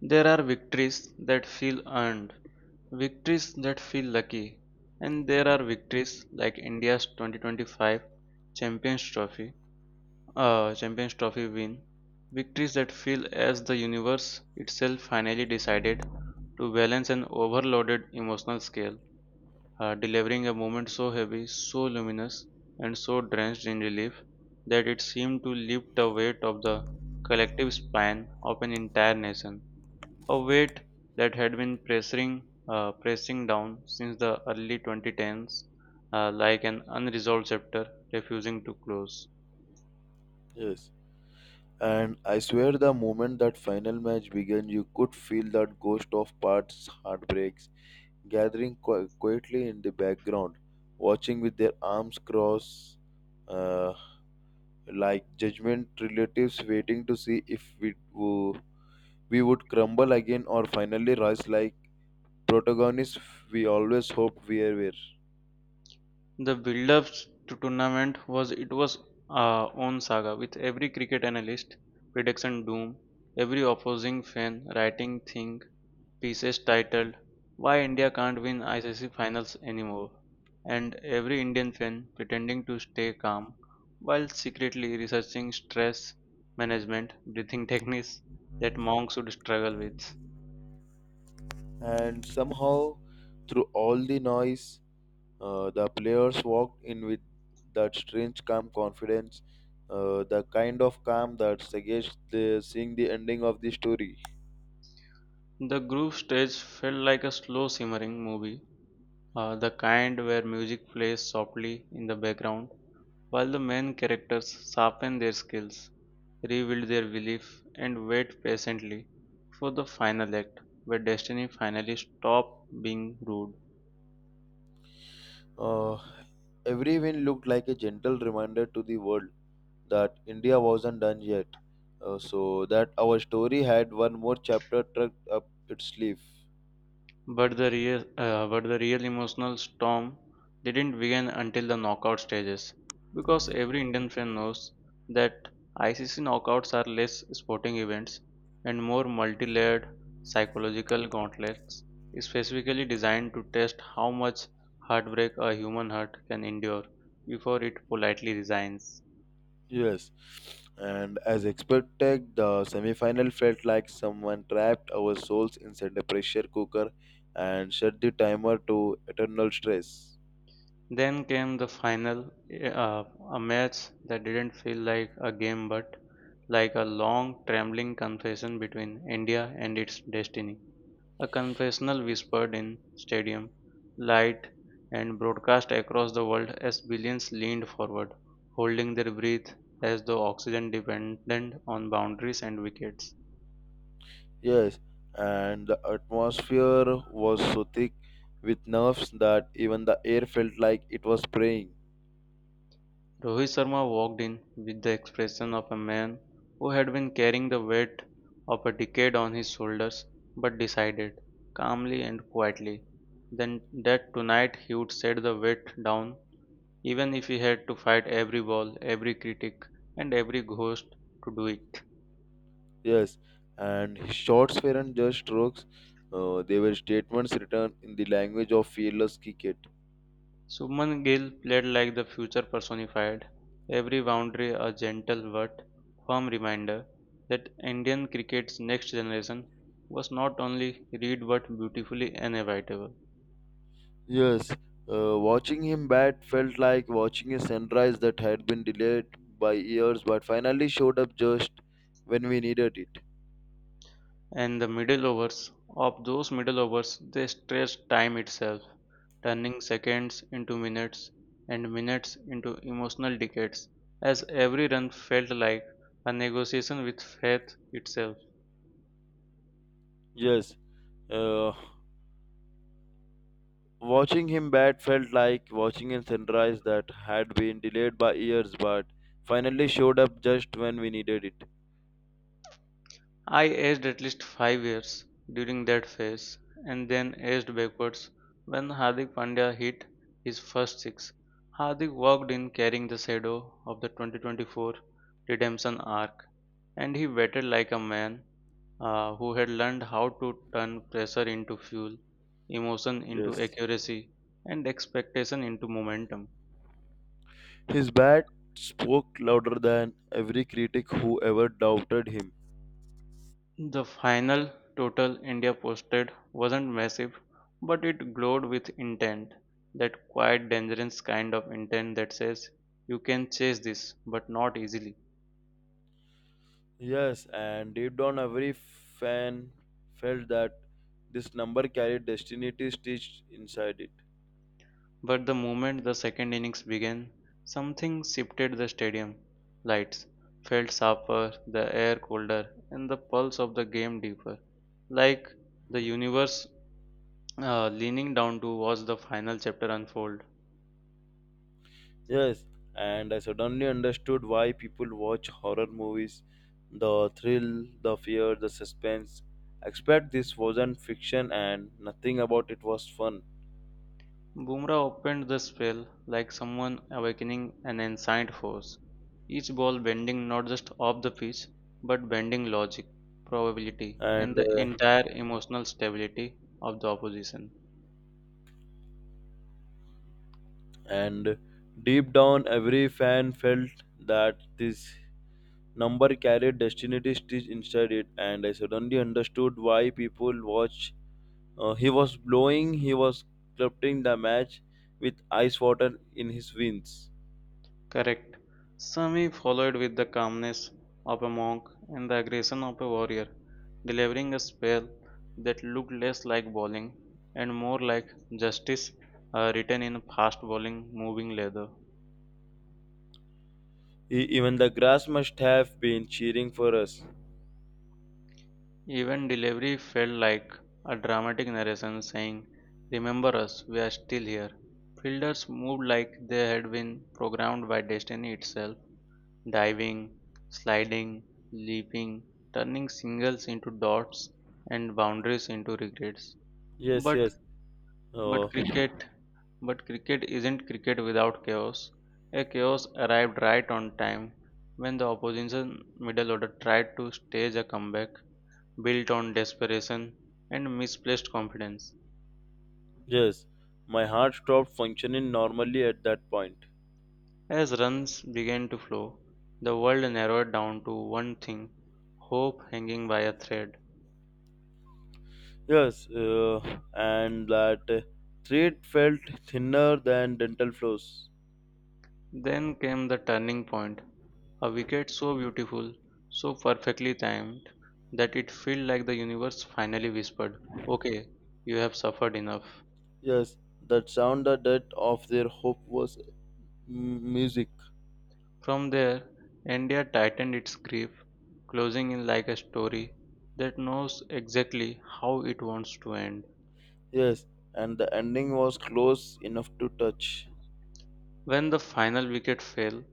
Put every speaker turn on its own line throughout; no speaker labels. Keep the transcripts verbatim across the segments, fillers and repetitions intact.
There are victories that feel earned, victories that feel lucky, and there are victories like India's twenty twenty-five Champions Trophy, uh, Champions Trophy win, victories that feel as the universe itself finally decided to balance an overloaded emotional scale, uh, delivering a moment so heavy, so luminous, and so drenched in relief that it seemed to lift the weight of the collective spine of an entire nation, a weight that had been pressing, uh, pressing down since the early twenty tens, uh, like an unresolved chapter refusing to close.
Yes. And I swear the moment that final match began, you could feel that ghost of parts, heartbreaks, gathering qui- quietly in the background, watching with their arms crossed, uh, like judgment relatives waiting to see if we, wo- we would crumble again or finally rise like protagonists we always hoped we were.
The build-up to tournament was it was uh, own saga, with every cricket analyst prediction doom, every opposing fan writing things pieces titled "Why India Can't Win I C C Finals Anymore" and "Every Indian Fan Pretending to Stay Calm While Secretly Researching Stress Management Breathing Techniques That Monks would Struggle With."
And somehow, through all the noise, uh, the players walked in with that strange calm confidence, uh, the kind of calm that suggests the, seeing the ending of the story.
The group stage felt like a slow simmering movie, uh, the kind where music plays softly in the background while the main characters sharpen their skills, rebuild their belief, and wait patiently for the final act where destiny finally stopped being rude.
Uh, every win looked like a gentle reminder to the world that India wasn't done yet, uh, so that our story had one more chapter tucked up its sleeve.
But the real, uh, but the real emotional storm didn't begin until the knockout stages, because every Indian fan knows that I C C knockouts are less sporting events and more multi-layered psychological gauntlets, specifically designed to test how much heartbreak a human heart can endure before it politely resigns.
Yes, and as expected, the semi-final felt like someone trapped our souls inside a pressure cooker and shut the timer to eternal stress.
Then came the final, uh, a match that didn't feel like a game but like a long, trembling confession between India and its destiny. A confessional whispered in stadium light, and broadcast across the world as billions leaned forward, holding their breath as though oxygen depended on boundaries and wickets.
Yes, and the atmosphere was so thick with nerves that even the air felt like it was praying.
Rohit Sharma walked in with the expression of a man who had been carrying the weight of a decade on his shoulders but decided, calmly and quietly, then that tonight he would set the weight down even if he had to fight every wall, every critic, and every ghost to do it.
Yes, and his shots weren't just strokes; uh, they were statements written in the language of fearless cricket.
Suman Gill played like the future personified, every boundary a gentle but firm reminder that Indian cricket's next generation was not only read but beautifully inevitable.
Yes, uh, watching him bat felt like watching a sunrise that had been delayed by years but finally showed up just when we needed it.
And the middle overs, of those middle overs, they stretched time itself, turning seconds into minutes and minutes into emotional decades, as every run felt like a negotiation with fate itself.
Yes, uh, watching him bat felt like watching a sunrise that had been delayed by years but finally showed up just when we needed it.
I aged at least five years during that phase and then aged backwards when Hardik Pandya hit his first six. Hardik walked in carrying the shadow of the twenty twenty-four redemption arc and he waited like a man uh, who had learned how to turn pressure into fuel, emotion into
Yes,
accuracy, and expectation into momentum.
his bat spoke louder than every critic who ever doubted him.
The final total India posted wasn't massive, but it glowed with intent. That quiet, dangerous kind of intent that says, you can chase this, but not easily.
Yes, and deep down, every fan felt that this number carried destiny stitched inside it.
But the moment the second innings began, something shifted the stadium. Lights felt sharper, the air colder, and the pulse of the game deeper. Like the universe uh, leaning down to watch the final chapter unfold.
Yes, and I suddenly understood why people watch horror movies, the thrill, the fear, the suspense. Except this wasn't fiction, and nothing about it was fun.
Bumrah opened the spell like someone awakening an ancient force, each ball bending not just off the pitch but bending logic, probability, and
And
the
uh,
entire emotional stability of the opposition.
and deep down, every fan felt that this number carried destiny stitched inside it. And I suddenly understood why people watch. Uh, he was blowing, he was clutching the match with ice water in his veins.
Correct. Sami followed with the calmness of a monk and the aggression of a warrior, delivering a spell that looked less like bowling and more like justice uh, written in fast bowling moving leather.
E- even the grass must have been cheering for us.
Even delivery felt like a dramatic narration saying, remember us, we are still here. Fielders moved like they had been programmed by destiny itself, diving, sliding, leaping, turning singles into dots and boundaries into regrets.
Yes,
But
yes, uh,
but cricket but cricket isn't cricket without chaos. A chaos arrived right on time when the opposition middle order tried to stage a comeback built on desperation and misplaced confidence.
yes. My heart stopped functioning normally at that point.
As runs began to flow, the world narrowed down to one thing: hope hanging by a thread.
Yes, uh, and that uh, thread felt thinner than dental floss.
Then came the turning point, a wicket so beautiful, so perfectly timed, that it felt like the universe finally whispered, okay, you have suffered enough.
Yes, that sound, the death of their hope was m- music.
From there, India tightened its grip, closing in like a story that knows exactly how it wants to end.
Yes, and the ending was close enough to touch.
When the final wicket fell,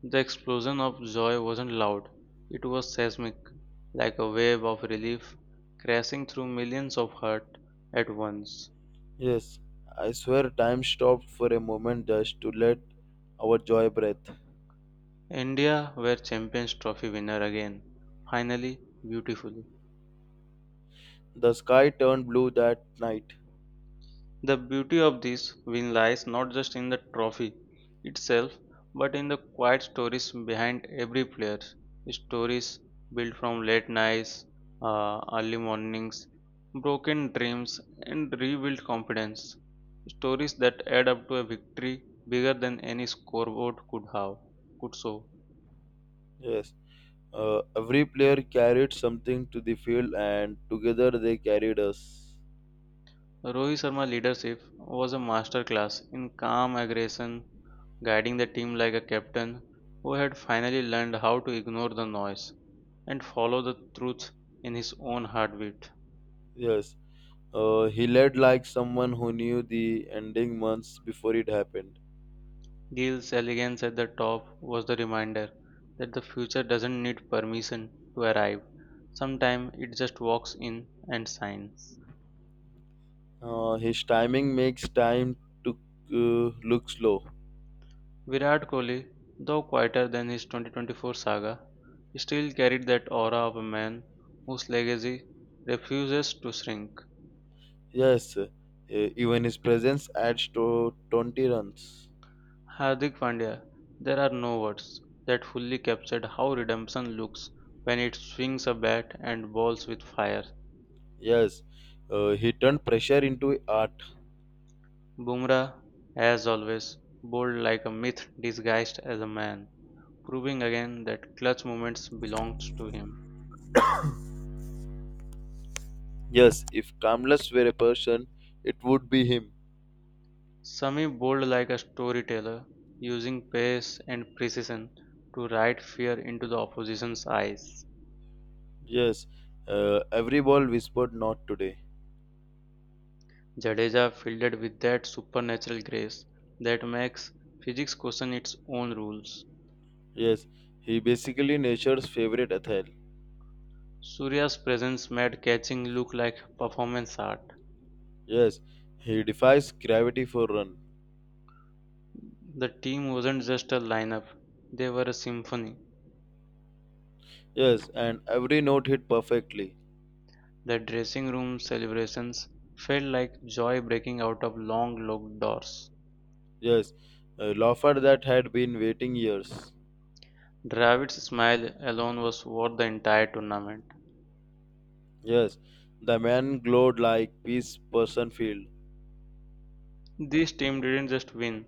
the explosion of joy wasn't loud, it was seismic, like a wave of relief crashing through millions of hearts at once.
Yes, I swear time stopped for a moment just to let our joy breathe.
India were Champions Trophy winner again, finally, beautifully.
The sky turned blue that night.
The beauty of this win lies not just in the trophy itself, but in the quiet stories behind every player. Stories built from late nights, uh, early mornings, broken dreams, and rebuilt confidence. Stories that add up to a victory bigger than any scoreboard could have, could show.
Yes, uh, every player carried something to the field, and together they carried us.
Rohit Sharma's leadership was a masterclass in calm aggression, guiding the team like a captain who had finally learned how to ignore the noise and follow the truth in his own heartbeat.
Yes, uh, he led like someone who knew the ending months before it happened.
Gill's elegance at the top was the reminder that the future doesn't need permission to arrive. Sometimes it just walks in and shines.
Uh, his timing makes time to uh, look slow.
Virat Kohli, though quieter than his twenty twenty-four saga, still carried that aura of a man whose legacy refuses to shrink.
Yes, uh, even his presence adds to twenty runs.
Hardik Pandya, there are no words that fully captured how redemption looks when it swings a bat and balls with fire.
Yes, uh, he turned pressure into art.
Bumrah, as always, bowled like a myth disguised as a man, proving again that clutch moments belongs to him.
Yes, if Kamlas were a person, it would be him.
Sami bowled like a storyteller, using pace and precision to ride fear into the opposition's eyes.
Yes, uh, every ball whispered not today.
Jadeja fielded with that supernatural grace that makes physics question its own rules.
Yes, he basically nature's favorite Athel.
Surya's presence made catching look like performance art.
Yes, he defies gravity for run.
The team wasn't just a lineup, they were a symphony.
Yes, and every note hit perfectly.
The dressing room celebrations felt like joy breaking out of long locked doors.
Yes, a loafer that had been waiting years.
Dravid's smile alone was worth the entire tournament.
Yes, the man glowed like peace person field.
This team didn't just win,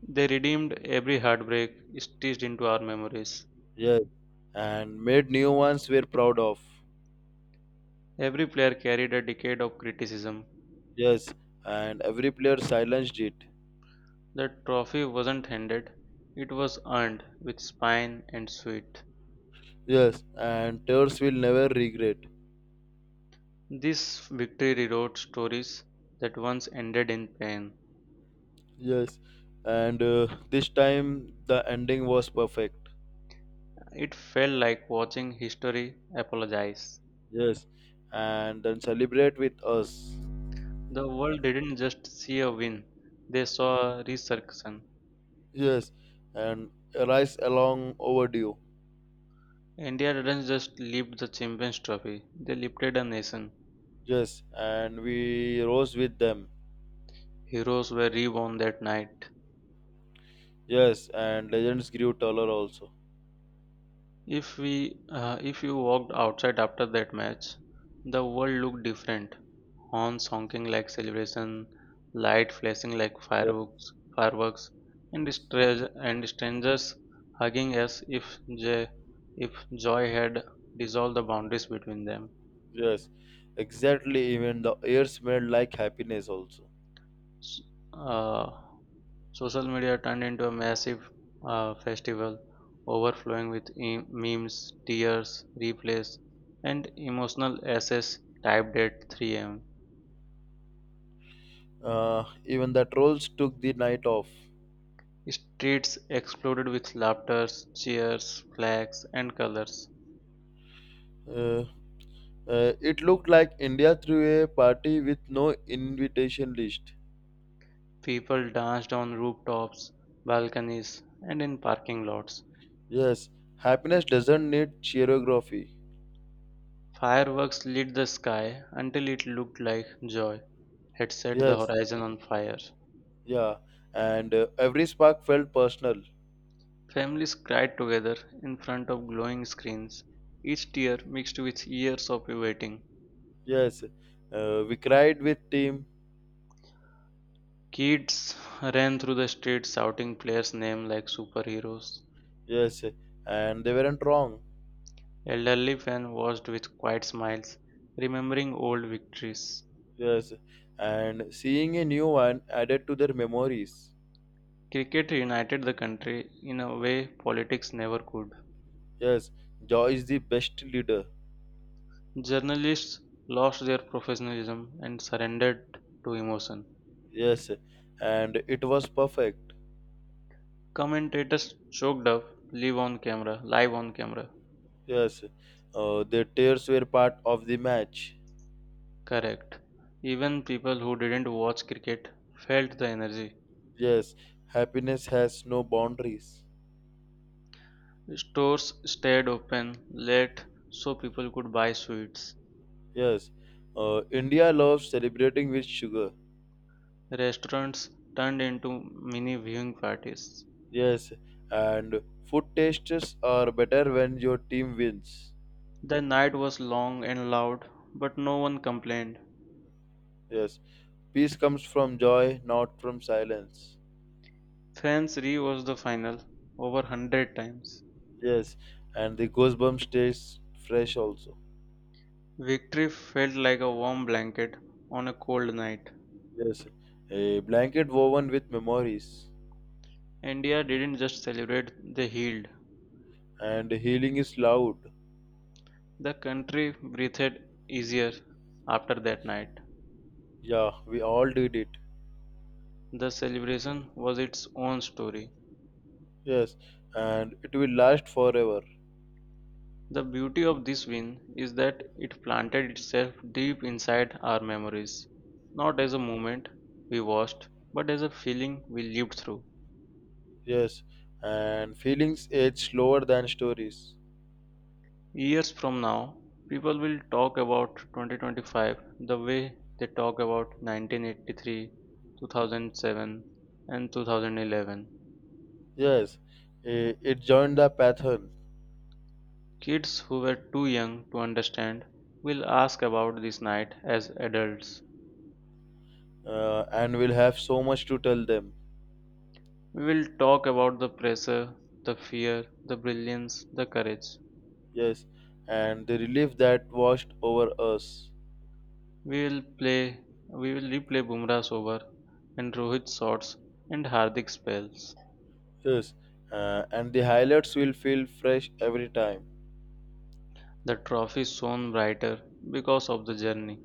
they redeemed every heartbreak stitched into our memories.
Yes, and made new ones we're proud of.
Every player carried a decade of criticism.
Yes, and every player silenced it.
The trophy wasn't handed, it was earned with spine and sweat.
Yes, and Tears will never regret.
This victory rewrote stories that once ended in pain.
Yes, and uh, this time the ending was perfect.
It felt like watching history apologize.
Yes, and then celebrate with us.
The world didn't just see a win, they saw a resurrection.
Yes, and rise along overdue.
India didn't just lift the Champions Trophy; they lifted a nation.
Yes, and we rose with them.
Heroes were reborn that night.
Yes, and legends grew taller also.
If we, uh, if you walked outside after that match, the world looked different. Horns honking like celebration, light flashing like
Yes,
fireworks, fireworks, and
yes,
stra- and strangers hugging as if j- if joy had dissolved the boundaries between them.
yes, exactly. Even the air smelled like happiness also.
S- Uh, Social media turned into a massive uh, festival, overflowing with e- memes, tears, replays, and emotional essays typed at three a m.
Uh, even the trolls took the night off.
Streets exploded with laughter, cheers, flags, and colors.
Uh, uh, it looked like India threw a party with no invitation list.
People danced on rooftops, balconies, and in parking lots.
Yes, happiness doesn't need choreography.
Fireworks lit the sky until it looked like joy had set the
Yes,
horizon on fire.
yeah, and uh, every spark felt personal.
Families cried together in front of glowing screens, each tear mixed with years of waiting.
Yes, uh, we cried with team.
Kids ran through the streets shouting players' names like superheroes.
Yes, and they weren't wrong.
Elderly fans watched with quiet smiles, remembering old victories.
Yes, and seeing a new one added to their memories.
Cricket united the country in a way politics never could.
Yes, joy is the best leader.
Journalists lost their professionalism and surrendered to emotion.
Yes, and it was perfect.
Commentators choked up live on camera, live on camera
Yes, uh, the tears were part of the match.
Correct. Even people who didn't watch cricket felt the energy.
Yes, happiness has no boundaries.
Stores stayed open late so people could buy sweets.
Yes, uh, India loves celebrating with sugar.
Restaurants turned into mini viewing parties.
Yes, and food tastes are better when your team wins.
The night was long and loud, but no one complained.
Yes, peace comes from joy, not from silence.
Fans rewatched the final over one hundred times.
Yes, and the goosebump stays fresh also.
Victory felt like a warm blanket on a cold night.
Yes, a blanket woven with memories,
India didn't just celebrate, they healed.
and healing is loud.
The country breathed easier after that night.
Yeah, we all did it.
The celebration was its own story.
Yes, and it will last forever.
The beauty of this win is that it planted itself deep inside our memories, not as a moment we watched, but as a feeling we lived through.
Yes, and feelings age slower than stories.
Years from now, people will talk about twenty twenty-five the way they talk about nineteen eighty-three, two thousand seven, and twenty eleven.
Yes, i- it joined the pattern.
Kids who were too young to understand will ask about this night as adults.
Uh, and will have so much to tell them.
We will talk about the pressure, the fear, the brilliance, the courage.
Yes, and the relief that washed over us.
We will play, we will replay Bumrah's over and Rohit's shots and Hardik's spells.
Yes, uh, and the highlights will feel fresh every time.
The trophy shone brighter because of the journey.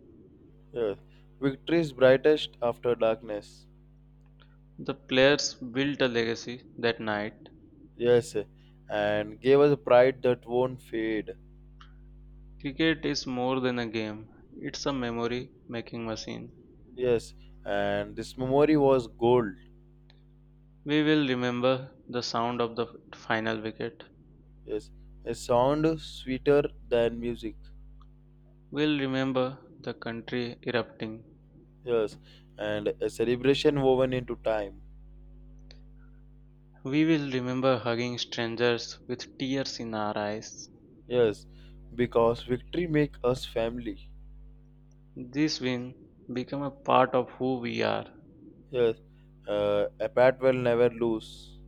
Yes, victory is brightest after darkness.
The players built a legacy that night.
Yes, and gave us a pride that won't fade.
Cricket is more than a game, it's a memory making machine.
Yes, and this memory was gold.
We will remember the sound of the final wicket.
Yes, a sound sweeter than music.
We'll remember the country erupting.
Yes, and a celebration woven into time.
We will remember hugging strangers with tears in our eyes.
Yes, because victory make us family.
This win became a part of who we are.
Yes, uh, a pat will never lose.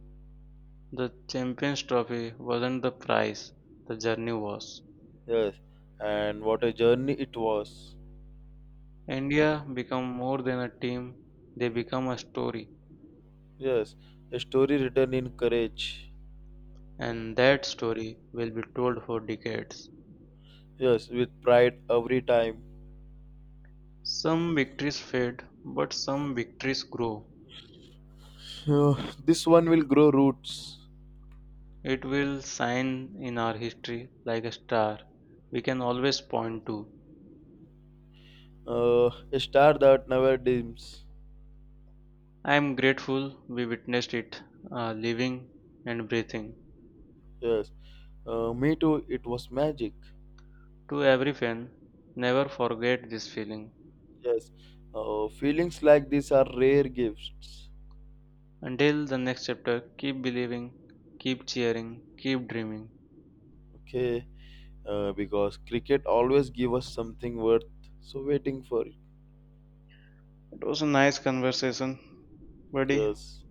The Champions Trophy wasn't the prize, the journey was.
Yes, and what a journey it was.
India become more than a team, they become a story,
Yes, a story written in courage.
and that story will be told for decades.
Yes, with pride every time.
Some victories fade, but some victories grow.
So, this one will grow roots.
It will shine in our history like a star we can always point to.
Uh, a star that never dims.
I am grateful we witnessed it, uh, living and breathing.
Yes, uh, me too. It was magic.
To every fan, never forget this feeling.
Yes, uh, feelings like this are rare gifts.
Until the next chapter, keep believing, keep cheering, keep dreaming.
Okay, uh, because cricket always give us something worth so waiting for.
It was a nice conversation, buddy.
Yes.